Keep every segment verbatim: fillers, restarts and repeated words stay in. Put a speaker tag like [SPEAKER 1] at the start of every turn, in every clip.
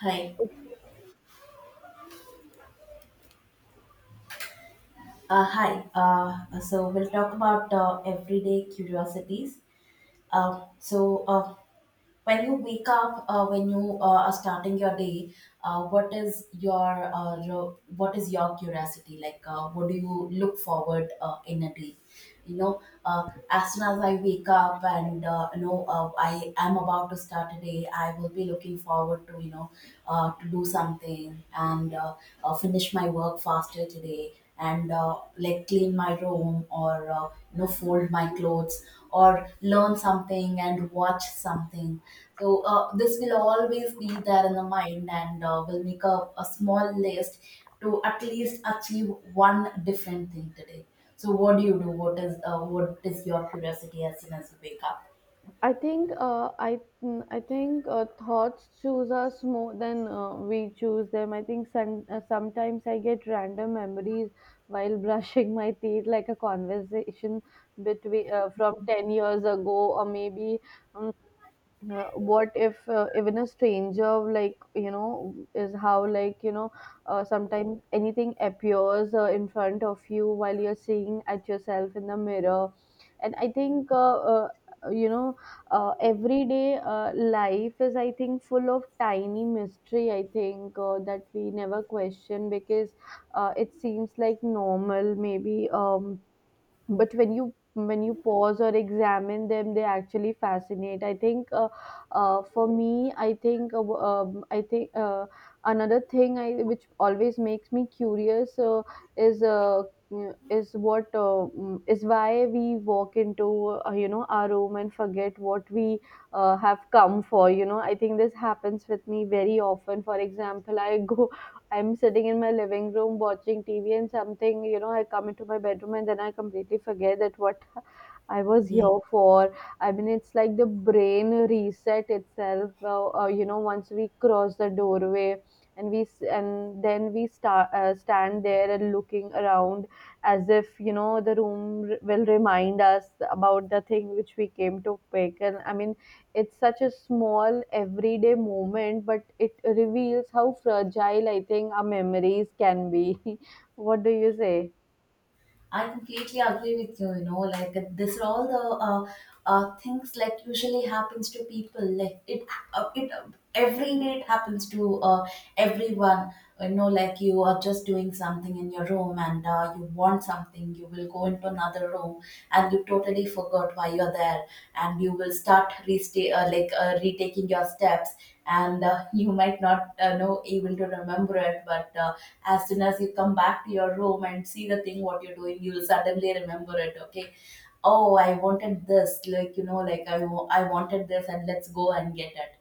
[SPEAKER 1] Hi. Uh, hi. Uh, so we'll talk about uh, everyday curiosities. Uh, so uh, when you wake up, uh, when you uh, are starting your day, uh, what is your uh, ro- what is your curiosity like? Uh, what do you look forward uh, in a day? You know, uh, as soon as I wake up and uh, you know uh, I am about to start a day, I will be looking forward to you know uh, to do something and uh, uh, finish my work faster today and uh, like clean my room or uh, you know fold my clothes or learn something and watch something. So uh, this will always be there in the mind, and uh, will make a, a small list to at least achieve one different thing today. So what do you do? What is uh, what is your curiosity as soon as you wake up?
[SPEAKER 2] I think uh, I mm, I think uh, thoughts choose us more than uh, we choose them. I think some, uh, sometimes I get random memories while brushing my teeth, like a conversation between uh, from ten years ago, or maybe um, uh, what if uh, even a stranger like you know is how like you know uh, Sometimes anything appears uh, in front of you while you're seeing at yourself in the mirror. And i think uh, uh, you know uh, everyday uh, life is I think full of tiny mystery, I think uh, that we never question because uh, it seems like normal, maybe um But when you when you pause or examine them, they actually fascinate I think uh, uh, for me I think uh, um, I think uh, Another thing I which always makes me curious uh, is uh, mm, is what uh, mm, is why we walk into uh, you know our room and forget what we uh, have come for. You know, I think this happens with me very often. For example, i go I'm sitting in my living room watching T V, and something, you know, I come into my bedroom and then I completely forget that what I was here for. I mean, it's like the brain reset itself, uh, uh, you know, once we cross the doorway, and we s- and then we start uh, stand there and looking around, as if you know the room r- will remind us about the thing which we came to pick. And I mean, it's such a small everyday moment, but it reveals how fragile I think our memories can be. What do you say?
[SPEAKER 1] I completely agree with you. You know, like this are all the uh, uh, things like usually happens to people. Like it, uh, it uh, Every day it happens to uh, everyone. You know, like you are just doing something in your room and uh, you want something, you will go into another room, and you totally forgot why you're there, and you will start resta- uh, like uh, retaking your steps, and uh, you might not uh, know able to remember it. But Uh, as soon as you come back to your room and see the thing what you're doing, you will suddenly remember it. Okay, oh, I wanted this, like you know like i, wa- I wanted this, and let's go and get it.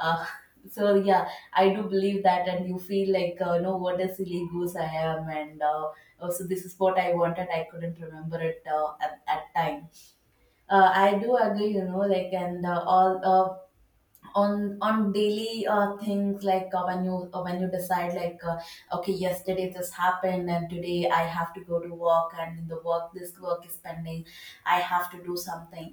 [SPEAKER 1] uh, so yeah, I do believe that, and you feel like, uh, no, what a silly goose I am. And uh, oh, so this is what I wanted. I couldn't remember it uh, at that time. uh, I do agree, you know like and uh, all uh, on on daily uh, things. Like uh, when you uh, when you decide, like, uh, okay, yesterday this happened and today I have to go to work, and in the work this work is pending, I have to do something.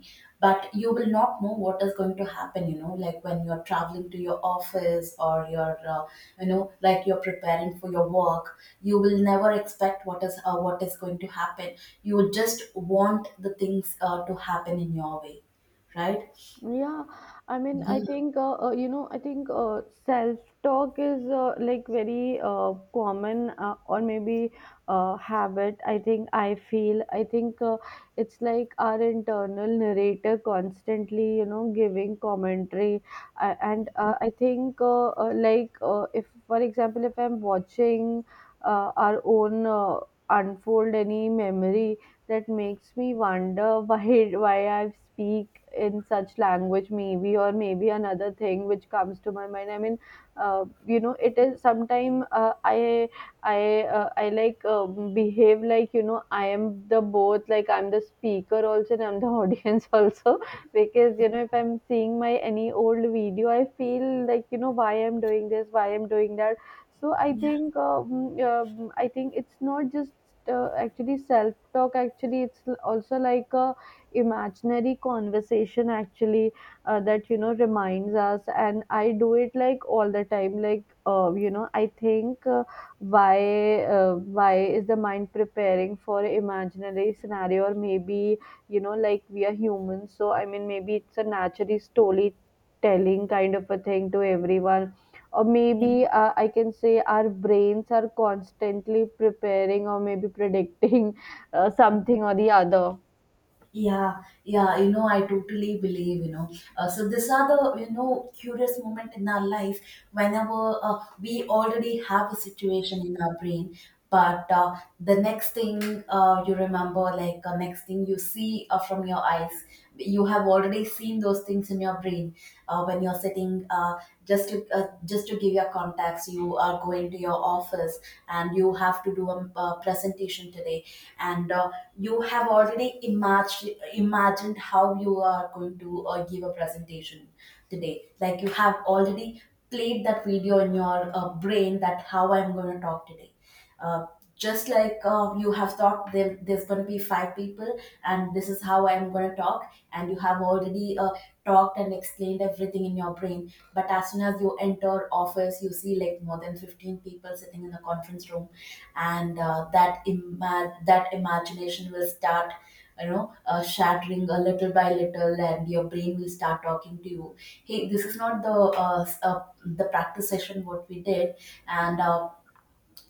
[SPEAKER 1] But you will not know what is going to happen. You know, like when you're traveling to your office, or you're uh, you know like you're preparing for your work, you will never expect what is uh, what is going to happen. You just want the things uh, to happen in your way, right?
[SPEAKER 2] Yeah, I mean,
[SPEAKER 1] Yeah,
[SPEAKER 2] I think uh, uh, you know, I think uh, self-talk is uh, like very uh, common, uh, or maybe uh, habit, I think I feel. I think uh, It's like our internal narrator constantly, you know, giving commentary. Uh, and uh, I think uh, uh, like uh, if, for example, if I'm watching uh, our own uh, unfold any memory that makes me wonder why why I speak in such language, maybe, or maybe another thing which comes to my mind. I mean, uh, you know, it is sometime uh, I I uh, I like um, behave like you know I am the both. Like I'm the speaker also, and I'm the audience also, because you know if I'm seeing my any old video, I feel like you know why I'm doing this, why I'm doing that. So i think um, um, i think it's not just uh, actually self talk, actually it's l- also like a imaginary conversation, actually, uh, that you know reminds us. And I do it like all the time. Like uh, you know i think uh, why uh, why is the mind preparing for imaginary scenario, or maybe, you know, like we are humans. So I mean, maybe it's a naturally storytelling kind of a thing to everyone, or maybe
[SPEAKER 1] yeah.
[SPEAKER 2] uh, I can say our brains are constantly preparing or maybe predicting uh, something or the other.
[SPEAKER 1] Yeah, yeah, you know, I totally believe, you know. Uh, so these are the, you know, curious moment in our life, whenever uh, we already have a situation in our brain, but uh, the next thing uh, you remember, like uh, next thing you see uh, from your eyes, you have already seen those things in your brain uh, when you're sitting. Uh, just to uh, just to give your contacts, you are going to your office, and you have to do a, uh presentation today, and uh, you have already imagined imagined how you are going to uh, give a presentation today. Like you have already played that video in your uh, brain that how I'm going to talk today. uh, just like uh, you have thought, there, there's going to be five people and this is how I'm going to talk, and you have already uh, talked and explained everything in your brain. But as soon as you enter office, you see like more than fifteen people sitting in the conference room, and uh, that ima- that imagination will start, you know, uh, shattering a little by little, and your brain will start talking to you. Hey, this is not the uh, s- uh, the practice session what we did. And uh,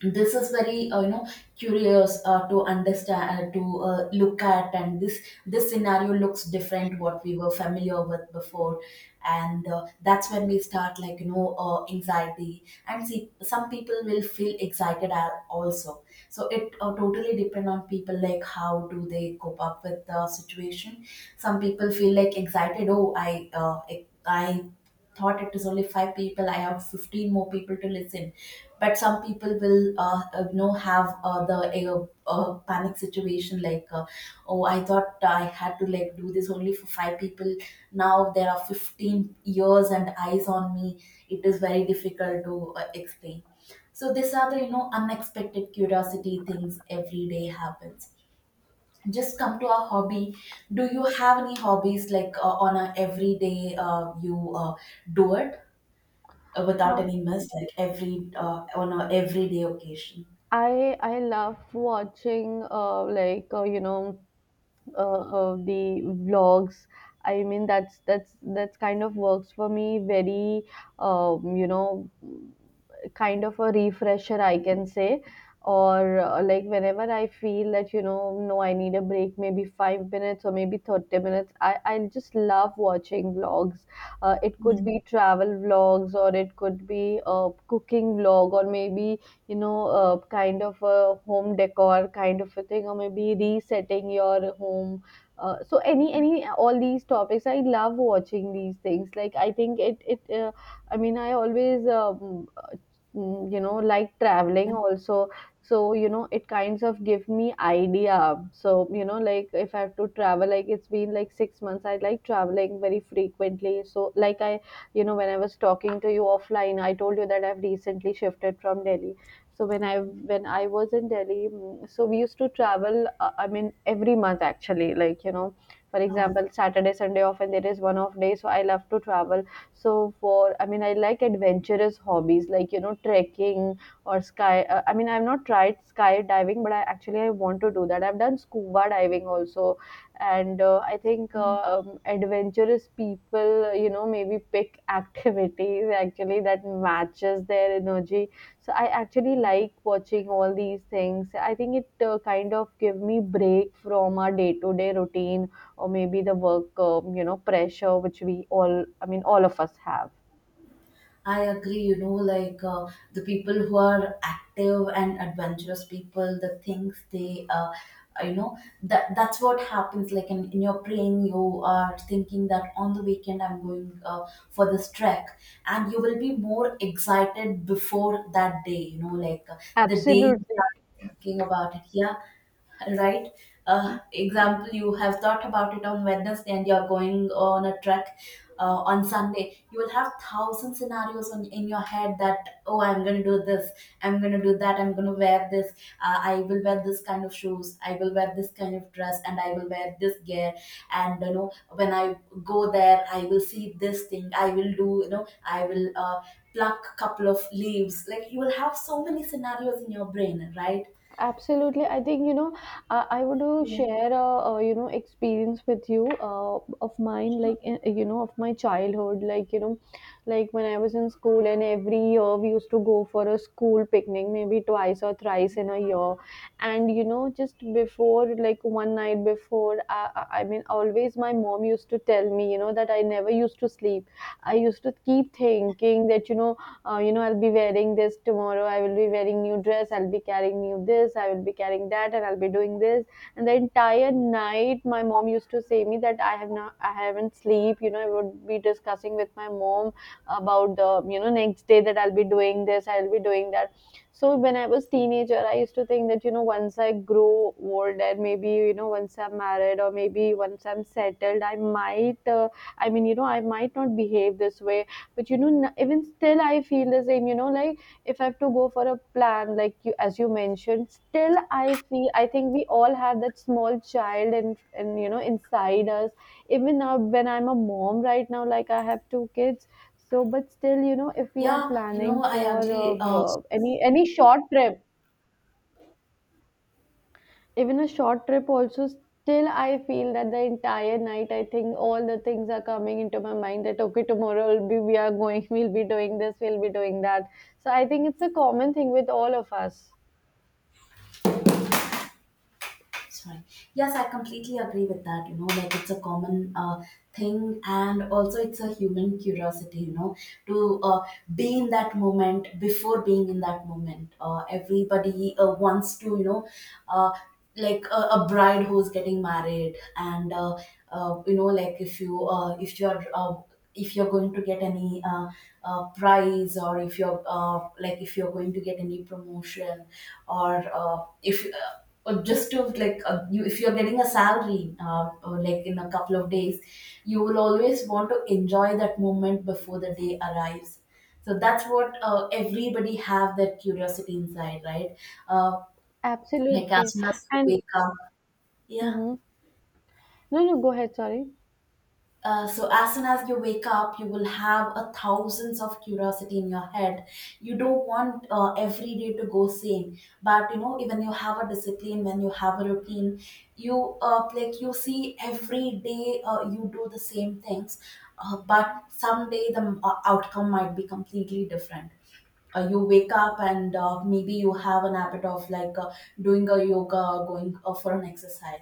[SPEAKER 1] this is very uh, you know, curious uh, to understand, uh, to uh, look at. And this this scenario looks different what we were familiar with before. And uh, that's when we start, like, you know, uh, anxiety. And see, some people will feel excited al- also. So it uh, totally depend on people, like how do they cope up with the situation. Some people feel like excited, oh, i uh, i I thought it is only five people, I have fifteen more people to listen. But some people will uh, uh, you know, have uh, the uh, uh, panic situation, like uh, oh, I thought I had to like do this only for five people, now there are fifteen ears and eyes on me. It is very difficult to uh, explain. So these are the, you know, unexpected curiosity things every day happens. Just come to our hobby. Do you have any hobbies like uh, on a everyday uh, you uh, do it uh, without
[SPEAKER 2] um,
[SPEAKER 1] any mess, like every uh, on a everyday occasion.
[SPEAKER 2] i i love watching uh, like uh, you know uh, uh, the vlogs. I mean, that's that's that's kind of works for me very, um, you know, kind of a refresher I can say. Or uh, like whenever I feel that you know no, I need a break, maybe five minutes or maybe thirty minutes, i i just love watching vlogs. Uh, it could
[SPEAKER 1] Yeah.
[SPEAKER 2] be travel vlogs, or it could be a cooking vlog, or maybe, you know, uh, kind of a home decor kind of a thing, or maybe resetting your home. Uh, so any any all these topics I love watching these things. Like I think it it. Uh, I mean, I always um, mm, you know, like traveling also. So you know it kinds of give me idea. So you know like if I have to travel, like it's been like six months, I like traveling very frequently. So like I, you know, when I was talking to you offline, I told you that I've recently shifted from Delhi. So when i when i was in Delhi, mm, so we used to travel, uh, I mean every month, actually, like you know, for
[SPEAKER 1] Oh.
[SPEAKER 2] example Saturday, Sunday, often there is one off day, so I love to travel. So for, I mean, I like adventurous hobbies, like you know, trekking, or sky uh, I mean I've not tried skydiving, but I actually I want to do that. I've done scuba diving also. And uh, i think uh, um, adventurous people, you know, maybe pick activities actually that matches their energy. So I actually like watching all these things. I think it uh, kind of give me break from our day to day routine, or maybe the work, um, you know, pressure which we all, I mean, all of us have
[SPEAKER 1] I agree, you know, like uh, the people who are active and adventurous people, the things they, uh, you know, that that's what happens. Like in, in your brain, you are thinking that on the weekend I'm going uh, for this trek, and you will be more excited before that day, you know, like uh, the day you
[SPEAKER 2] absolutely.
[SPEAKER 1] start thinking about it. Yeah, right. Uh, example, you have thought about it on Wednesday and you're going on a trek uh, on Sunday, you will have thousand scenarios on, in your head that oh, I'm going to do this, I'm going to do that, I'm going to wear this, uh, I will wear this kind of shoes, I will wear this kind of dress, and I will wear this gear. And you know, when I go there, I will see this thing, I will do, you know, I will uh, pluck couple of leaves. Like you will have so many scenarios in your brain, right?
[SPEAKER 2] Absolutely, I think, you know, I, I want to
[SPEAKER 1] Yeah.
[SPEAKER 2] share a, a, you know, experience with you uh, of mine. Like, in- you know, of my childhood, like, you know, like when I was in school, and every year we used to go for a school picnic, maybe twice or thrice in a year. And, you know, just before, like one night before, I, I I mean, always my mom used to tell me, you know, that I never used to sleep. I used to keep thinking that, you know, uh, you know, I'll be wearing this tomorrow. I will be wearing new dress. I'll be carrying new this. I will be carrying that, and I'll be doing this. And the entire night my mom used to say me that I have not, I haven't sleep. You know, I would be discussing with my mom about the, you know, next day that I'll be doing this, I'll be doing that. So when I was teenager, I used to think that, you know, once I grow old, and maybe you know once I'm married, or maybe once I'm settled, I might, uh, I mean, you know, I might not behave this way. But you know n- even still I feel the same, you know, like if I have to go for a plan, like you as you mentioned, still I feel, I think we all have that small child and and you know, inside us. Even now when I'm a mom right now, like I have two kids, so but still you know if we are
[SPEAKER 1] Yeah, you
[SPEAKER 2] planning
[SPEAKER 1] know, I
[SPEAKER 2] for uh,
[SPEAKER 1] agree, uh, so
[SPEAKER 2] b-
[SPEAKER 1] this.
[SPEAKER 2] any any short trip, even a short trip also, still I feel that the entire night I think all the things are coming into my mind that okay, tomorrow will be, we are going, we'll be doing this, we'll be doing that. So I think it's a common thing with all of us.
[SPEAKER 1] It's fine. Yes, I completely agree with that. You know, like it's a common uh, thing, and also it's a human curiosity. You know, to uh, be in that moment before being in that moment. Uh, everybody uh, wants to, you know, uh, like a, a bride who's getting married, and uh, uh, you know, like if you uh, if you're uh, if you're going to get any uh, uh, prize, or if you're uh, like if you're going to get any promotion, or uh, if uh, or just to like, uh, you, if you're getting a salary uh, or like in a couple of days, you will always want to enjoy that moment before the day arrives. So that's what uh, everybody have that curiosity inside, right? uh, like as
[SPEAKER 2] Absolutely,
[SPEAKER 1] soon as you
[SPEAKER 2] and
[SPEAKER 1] wake up. Yeah.
[SPEAKER 2] hmm. No, no, go ahead, sorry.
[SPEAKER 1] Uh, so as soon as you wake up, you will have a thousands of curiosity in your head. You don't want uh, every day to go same. But you know, even you have a discipline, when you have a routine, you uh, like you see every day uh, you do the same things. Uh, but someday the uh, outcome might be completely different. Uh, you wake up and uh, maybe you have an habit of like uh, doing a yoga or going uh, for an exercise.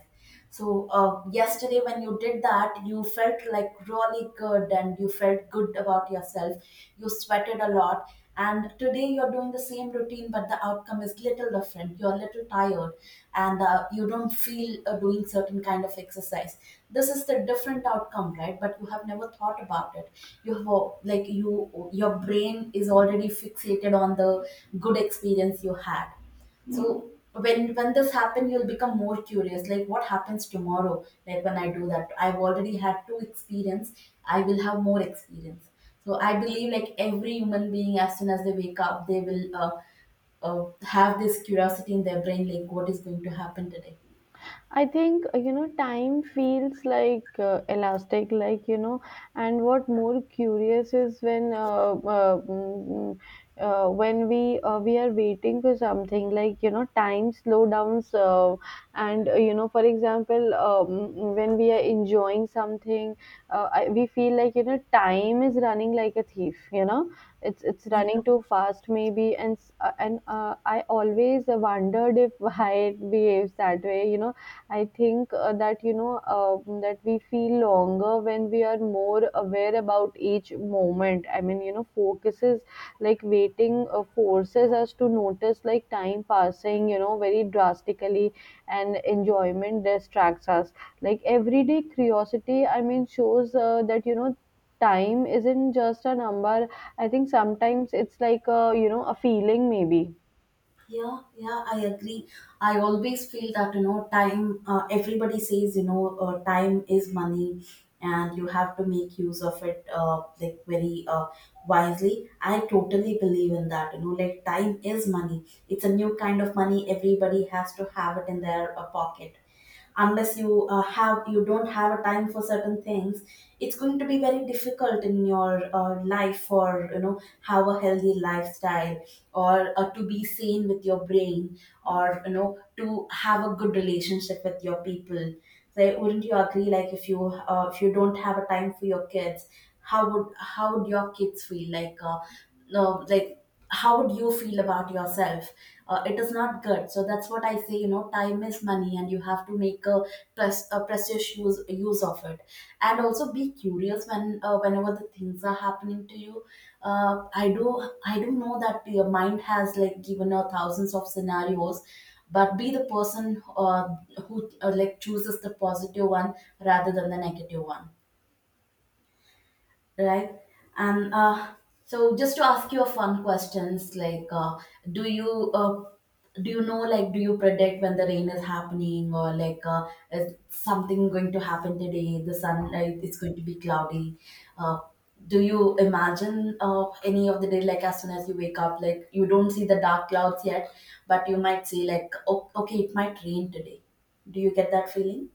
[SPEAKER 1] So uh, yesterday when you did that, you felt like really good and you felt good about yourself, you sweated a lot. And today you're doing the same same routine, but the outcome is little different. You're a little tired, and uh, you don't feel uh, doing certain kind of exercise. This is the different outcome, right? But you have never thought about it. You have uh, like you, your brain is already fixated on the good experience you had. So when when this happen, you'll become more curious. Like what happens tomorrow? Like when I do that, I've already had two experience. I will have more experience. So I believe like every human being, as soon as they wake up, they will uh, uh, have this curiosity in their brain, like what is going to happen today.
[SPEAKER 2] I think uh, you know, time feels like uh, elastic, like you know, and what more curious is when uh, uh, mm, mm, uh, when we uh, we are waiting for something, like you know, time slow downs, uh, and uh, you know, for example, um, when we are enjoying something, uh, I, we feel like you know time is running like a thief. You know, it's it's running too fast maybe, and s- uh, and uh, I always wondered if why it behaves that way. You know I think uh, that you know um that we feel longer when we are more aware about each moment. I mean, you know, focuses, like waiting uh, forces us to notice like time passing, you know, very drastically, and enjoyment distracts us. Like everyday curiosity, I mean, shows uh, that you know time isn't just a number. I think sometimes it's like a, you know, a feeling maybe.
[SPEAKER 1] Yeah, yeah, I agree. I always feel that, you know, time, uh, everybody says, you know, uh, time is money and you have to make use of it uh, like very uh, wisely. I totally believe in that, you know, like time is money. It's a new kind of money. Everybody has to have it in their uh, pocket unless you uh, have you don't have a time for certain things. It's going to be very difficult in your uh, life for you know have a healthy lifestyle, or uh, to be sane with your brain, or you know to have a good relationship with your people. So wouldn't you agree, like if you uh, if you don't have a time for your kids, how would how would your kids feel like uh, no like how would you feel about yourself? Uh, it is not good. So that's what I say, you know, time is money and you have to make a press a precious use use of it. And also be curious when uh, whenever the things are happening to you. uh, i do i do know that your mind has like given out thousands of scenarios, but be the person uh, who uh, like chooses the positive one rather than the negative one, right? And uh, So, just to ask you a fun questions, like, uh, do you uh, do you know, like, do you predict when the rain is happening, or like, uh, is something going to happen today? The sun, uh, it's going to be cloudy. Uh, do you imagine uh, any of the day, like, as soon as you wake up, like, you don't see the dark clouds yet, but you might see, like, oh, okay, it might rain today. Do you get that feeling?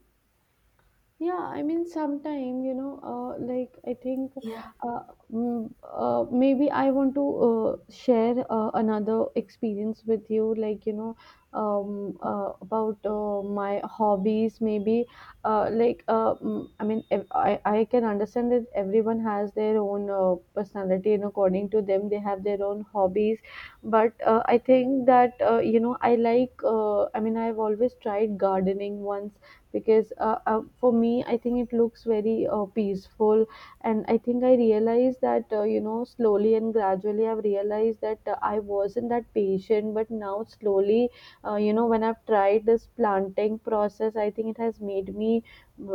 [SPEAKER 2] Yeah, I mean, sometime, you know, uh, like I think
[SPEAKER 1] Yeah.
[SPEAKER 2] uh, mm, uh, maybe I want to uh, share uh, another experience with you, like, you know, um, uh, about uh, my hobbies, maybe. Uh, like, uh, mm, I mean, ev- I, I can understand that everyone has their own uh, personality, and according to them, they have their own hobbies. But uh, I think that, uh, you know, I like, uh, I mean, I've always tried gardening once because uh, uh, for me I think it looks very uh, peaceful. And I think I realized that uh, you know slowly and gradually I've realized that uh, I wasn't that patient, but now slowly, uh, you know when I've tried this planting process, I think it has made me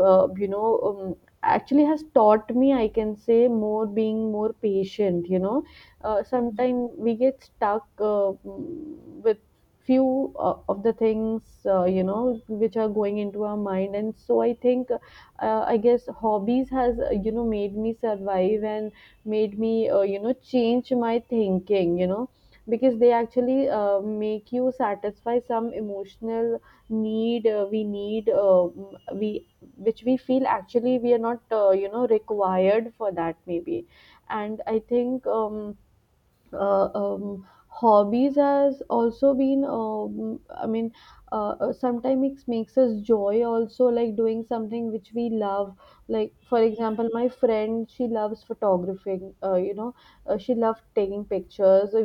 [SPEAKER 2] uh, you know um, actually has taught me, I can say, more being more patient, you know. Uh, sometimes we get stuck, uh, mm, few uh, of the things, uh, you know which are going into our mind, and so I think uh, I guess hobbies has, uh, you know made me survive and made me, uh, you know change my thinking, you know, because they actually uh, make you satisfy some emotional need. Uh, we need uh, m- we which we feel actually we are not, uh, you know required for that, maybe. And I think um, uh, um, hobbies has also been, um, I mean, uh, uh, sometimes it makes us joy also, like doing something which we love. Like, for example, my friend, she loves photographing, uh, you know uh, she loved taking pictures. Uh,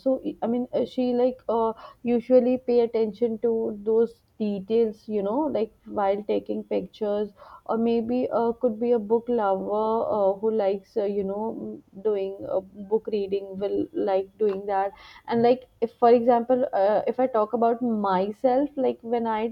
[SPEAKER 2] So I mean, uh, she like, uh, usually pay attention to those details, you know, like while taking pictures. Or maybe uh, could be a book lover, uh, who likes, uh, you know m- doing uh, book reading, will like doing that. And like, if for example, uh, if I talk about myself, like when I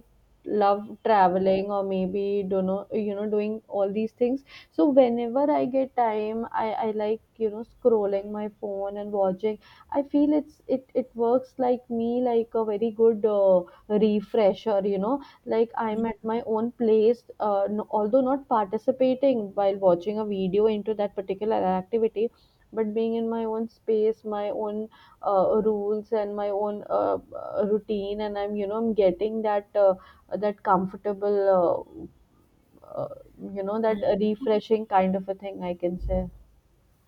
[SPEAKER 2] love traveling or maybe, don't know, you know, doing all these things. So whenever I get time, i i like, you know, scrolling my phone and watching, I feel it's it it works like me like a very good uh, refresher, you know. Like,
[SPEAKER 1] Yeah.
[SPEAKER 2] I'm at my own place, uh, no, although not participating while watching a video into that particular activity, but being in my own space, my own uh, rules and my own uh, uh, routine, and I'm, you know, I'm getting that uh, that comfortable, uh, uh, you know that uh, refreshing kind of a thing, I can say.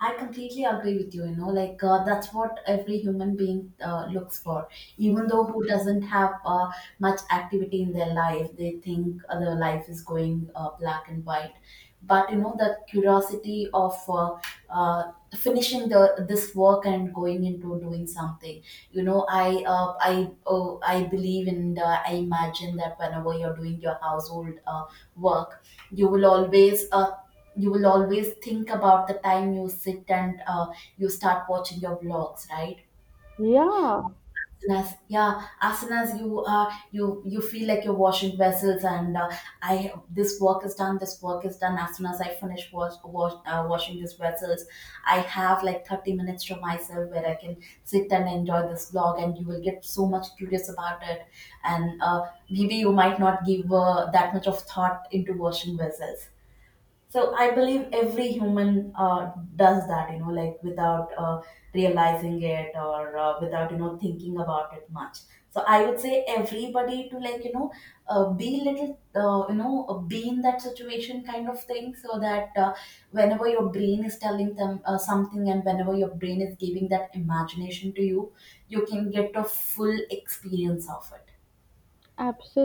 [SPEAKER 1] I completely agree with you. You know, like uh, that's what every human being uh, looks for.
[SPEAKER 2] Hmm.
[SPEAKER 1] Even though who doesn't have uh, much activity in their life, they think uh, their life is going uh, black and white. But you know, that curiosity of uh, uh, finishing the this work and going into doing something, you know, i uh, i oh, I believe and uh, I imagine that whenever you're doing your household uh, work, you will always uh, you will always think about the time you sit and uh, you start watching your vlogs, right?
[SPEAKER 2] Yeah.
[SPEAKER 1] Soon. Yeah, as soon as you uh you you feel like you're washing vessels and uh, I this work is done, this work is done. As soon as I finish wash, wash uh, washing these vessels, I have like thirty minutes to myself where I can sit and enjoy this vlog, and you will get so much curious about it. And uh, maybe you might not give uh, that much of thought into washing vessels. So I believe every human uh, does that, you know, like without uh, realizing it or uh, without, you know, thinking about it much. So I would say everybody to like, you know, uh, be little, uh, you know, uh, be in that situation kind of thing so that uh, whenever your brain is telling them uh, something and whenever your brain is giving that imagination to you, you can get a full experience of it.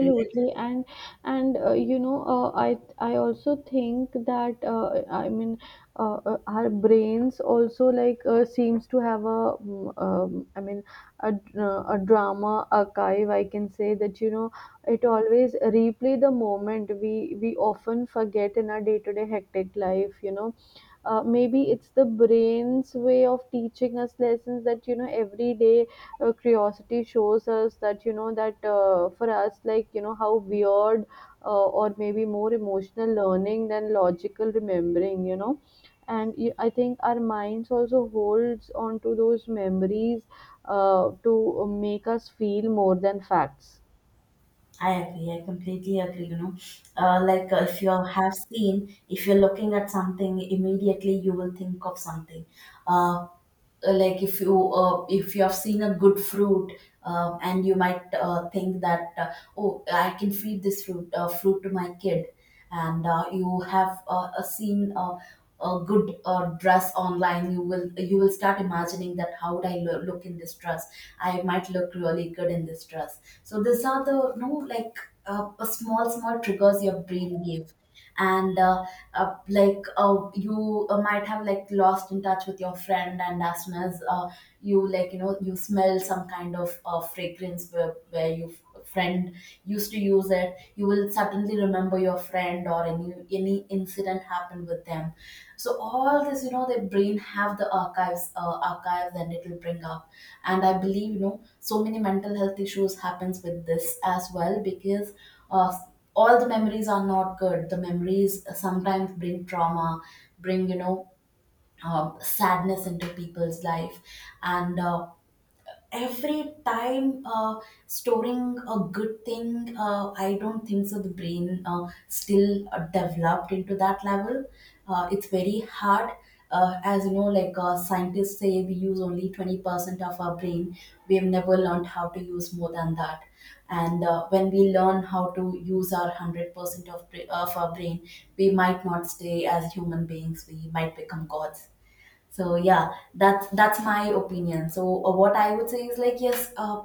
[SPEAKER 1] Really?
[SPEAKER 2] And and uh, you know uh, i i also think that uh, I mean uh, uh, our brains also like uh, seems to have a, mm, um, I mean, a, d- uh, a drama archive, I can say that, you know. It always replay the moment we we often forget in our day to day hectic life, you know. Uh, maybe it's the brain's way of teaching us lessons, that you know, every day uh, curiosity shows us that, you know, that uh, for us, like, you know, how weird uh, or maybe more emotional learning than logical remembering, you know. And y- I think our minds also holds on to those memories uh, to make us feel more than facts.
[SPEAKER 1] I agree. I completely agree. You know, uh, like uh, if you have seen, if you're looking at something, immediately you will think of something. Uh, uh, like if you uh, if you have seen a good fruit uh and you might uh, think that uh, oh, I can feed this fruit uh, fruit to my kid. And uh, you have uh, uh, seen uh, a good uh, dress online. You will you will start imagining that how would I lo- look in this dress. I might look really good in this dress. So these are the no, like, uh, small small triggers your brain gave. And uh, uh, Like uh, you uh, might have like lost in touch with your friend, and as soon as uh, you like you know you smell some kind of uh, fragrance where, where your friend used to use it, you will suddenly remember your friend or any any incident happened with them. So all this, you know, their brain have the archives uh, archives and it will bring up. And I believe, you know, so many mental health issues happens with this as well, because uh, all the memories are not good. The memories sometimes bring trauma, bring, you know, um, sadness into people's life. And uh, every time uh, storing a good thing, uh, I don't think so. The brain uh, still uh, developed into that level. Uh, it's very hard. Uh, as you know, like uh, scientists say, we use only twenty percent of our brain. We have never learned how to use more than that. And uh, when we learn how to use our one hundred percent of, bra- of our brain, we might not stay as human beings, we might become gods. So yeah, that's that's my opinion. So uh, what I would say is like, yes, uh,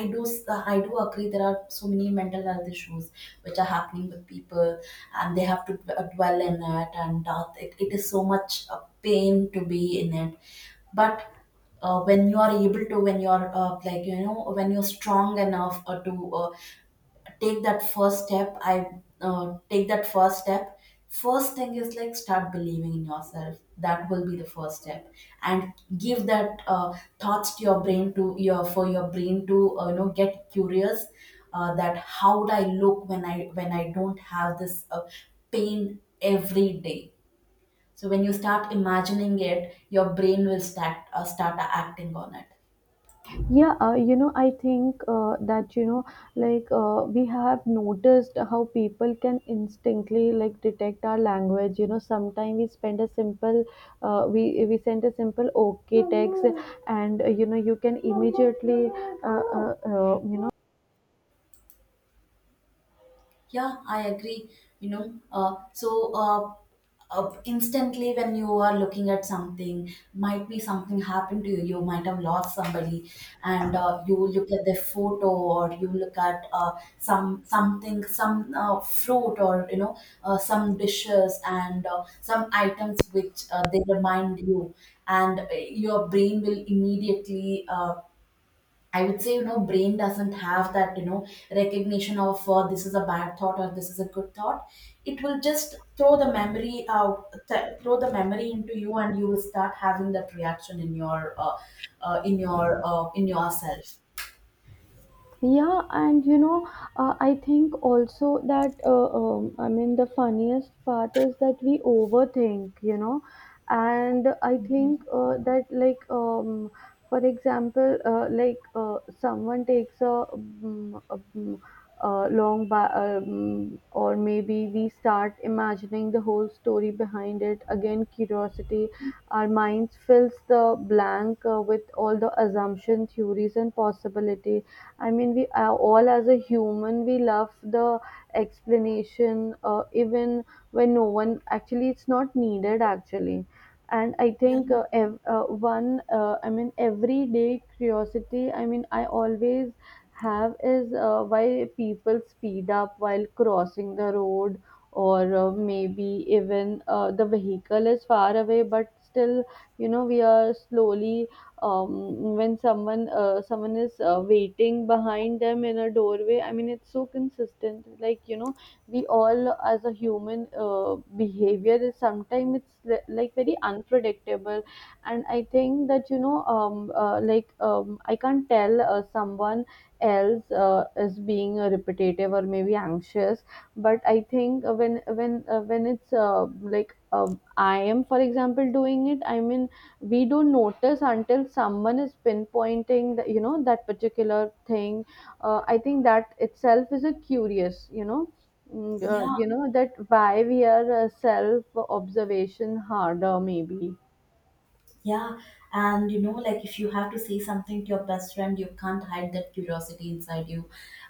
[SPEAKER 1] i do s- uh, I do agree there are so many mental health issues which are happening with people, and they have to d- uh, dwell in it, and uh, it, it is so much a pain to be in it. But uh, when you are able to, when you are uh, like you know when you're strong enough uh, to uh, take that first step I uh, take that first step. First thing is like start believing in yourself. That will be the first step. And give that uh, thoughts to your brain, to your, for your brain to uh, you know get curious uh, that how would I look when i when i don't have this uh, pain every day. So when you start imagining it, your brain will start uh, start acting on it.
[SPEAKER 2] Yeah, uh, you know, I think uh, that, you know, like uh, we have noticed how people can instinctively like detect our language. You know, sometimes we spend a simple, uh, we we send a simple okay text, and uh, you know, you can immediately, uh, uh, uh, you know.
[SPEAKER 1] Yeah, I agree. You know, uh, so uh, uh, instantly when you are looking at something, might be something happened to you. You might have lost somebody, and uh, you look at their photo, or you look at uh, some something, some uh, fruit, or you know, uh, some dishes and uh, some items which uh, they remind you, and uh, your brain will immediately. Uh, I would say, you know, brain doesn't have that, you know, recognition of uh, this is a bad thought or this is a good thought. It will just throw the memory out, th- throw the memory into you, and you will start having that reaction in your, uh, uh, in your, uh, in yourself.
[SPEAKER 2] Yeah, and you know, uh, I think also that uh, um, I mean the funniest part is that we overthink, you know. And I
[SPEAKER 1] Mhm.
[SPEAKER 2] think uh, that like um, for example, uh, like uh, someone takes a, um, a, um, a long ba- um, or maybe we start imagining the whole story behind it. Again, curiosity, our minds fills the blank uh, with all the assumption, theories, and possibility. I mean, we uh, all as a human, we love the explanation, uh, even when no one actually, it's not needed actually. And I
[SPEAKER 1] Yeah,
[SPEAKER 2] think uh, ev- uh, one, uh, I mean, everyday curiosity, I mean, I always have is uh, why people speed up while crossing the road, or uh, maybe even uh, the vehicle is far away, but still, you know, we are slowly um, when someone uh, someone is uh, waiting behind them in a doorway. I mean, it's so consistent, like, you know, we all as a human uh, behavior is sometimes it's li- like very unpredictable. And I think that, you know, um, uh, like um, I can't tell uh, someone else uh, is being uh, repetitive or maybe anxious. But I think uh, when when uh, when it's uh, like um, I am, for example, doing it, I mean, we don't notice until someone is pinpointing the, you know, that particular thing. uh, I think that itself is a curious, you know, mm, uh,
[SPEAKER 1] yeah.
[SPEAKER 2] you know that why we are uh, self observation harder, maybe.
[SPEAKER 1] Yeah, and you know, like if you have to say something to your best friend, you can't hide that curiosity inside you.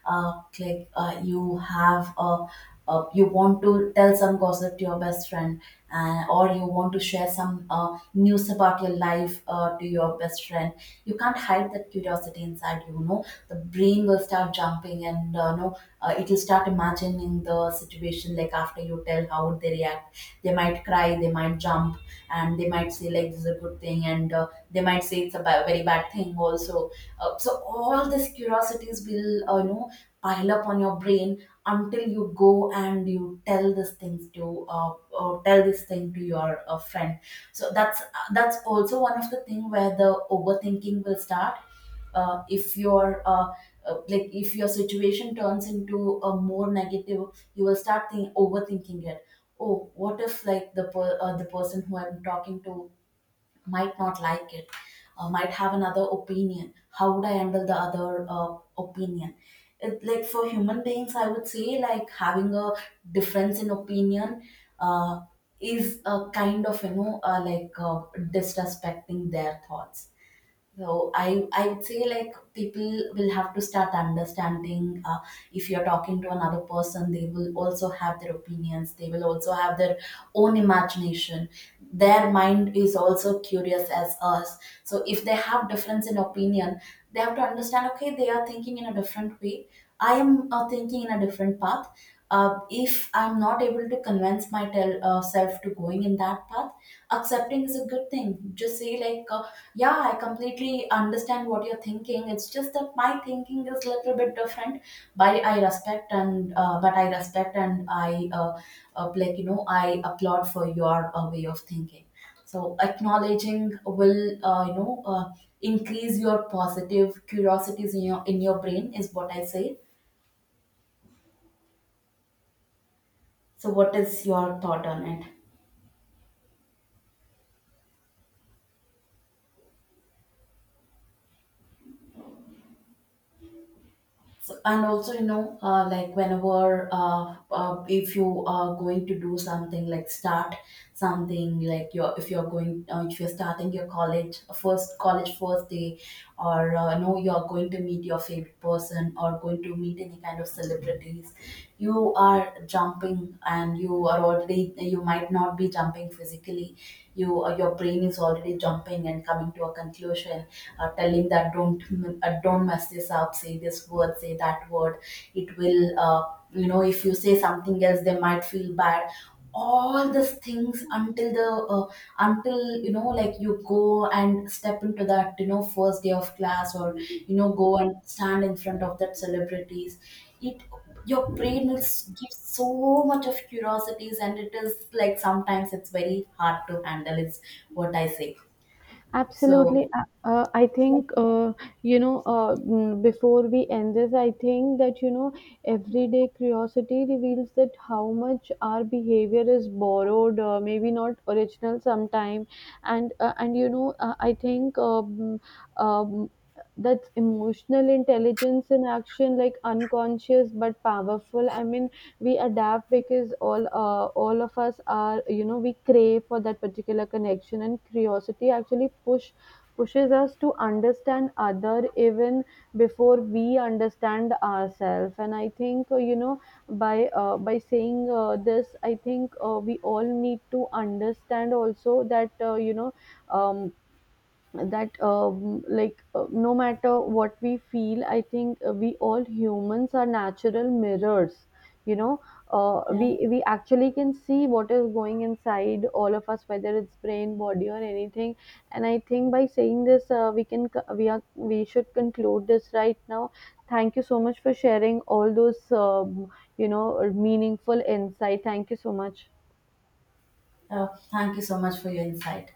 [SPEAKER 1] Uh, like uh, you have a, uh, you want to tell some gossip to your best friend, uh, or you want to share some uh, news about your life uh, to your best friend. You can't hide that curiosity inside you. You know, the brain will start jumping, and uh, no, uh, it will start imagining the situation. Like after you tell, how would they react? They might cry. They might jump, and they might say like this is a good thing, and uh, they might say it's a ba- very bad thing also. Uh, so all these curiosities will uh, you know pile up on your brain until you go and you tell this things to uh, or tell this thing to your uh, friend. So that's that's also one of the thing where the overthinking will start. Uh, if your uh, uh, like if your situation turns into a more negative, you will start think, overthinking it. Oh, what if like the per, uh, the person who I'm talking to might not like it, uh, might have another opinion. How would I handle the other uh, opinion? It, like for human beings I would say like having a difference in opinion uh, is a kind of you know uh, like uh, disrespecting their thoughts. So I, I would say like people will have to start understanding. Uh, if you're talking to another person, they will also have their opinions. They will also have their own imagination. Their mind is also curious as us. So if they have difference in opinion, they have to understand, okay, they are thinking in a different way. I am uh, thinking in a different path. Uh, if I'm not able to convince myself uh, self to going in that path, accepting is a good thing. Just say like, uh, yeah, I completely understand what you're thinking. It's just that my thinking is a little bit different. But I respect and uh, but I respect, and I uh, uh, like you know I applaud for your uh, way of thinking. So acknowledging will uh, you know uh, increase your positive curiosities in your in your brain is what I say. So, what is your thought on it? So, and also, you know, uh, like whenever uh, uh, if you are going to do something, like start something like you're, if you're going uh, if you're starting your college first college first day, or uh, no, you're going to meet your favorite person or going to meet any kind of celebrities, you are jumping and you are already, you might not be jumping physically, you uh, your brain is already jumping and coming to a conclusion, uh, telling that uh, don't uh, don't mess this up, say this word, say that word. It will uh, you know if you say something else they might feel bad, all these things until the uh, until you know like you go and step into that, you know, first day of class or, you know, go and stand in front of that celebrities, it your brain will s- give so much of curiosities, and it is like sometimes it's very hard to handle. It's what I say.
[SPEAKER 2] Absolutely.
[SPEAKER 1] So,
[SPEAKER 2] Uh, uh, I think, uh, you know, uh, mm, before we end this, I think that, you know, everyday curiosity reveals that how much our behavior is borrowed, uh, maybe not original sometime. And, uh, and you know, uh, I think um, um, that's emotional intelligence in action, like unconscious but powerful. I mean, we adapt because all uh, all of us are, you know, we crave for that particular connection. And curiosity actually push pushes us to understand other even before we understand ourselves. And I think, uh, you know by uh, by saying uh, this, I think uh, we all need to understand also that, uh, you know um, that um, like uh, no matter what we feel, I think uh, we all humans are natural mirrors, you know. uh, we we actually can see what is going inside all of us, whether it's brain, body, or anything. And I think by saying this, uh, we can c- we are, we should conclude this right now. Thank you so much for sharing all those um, you know, meaningful insight. Thank you so much.
[SPEAKER 1] oh, thank you so much for your insight.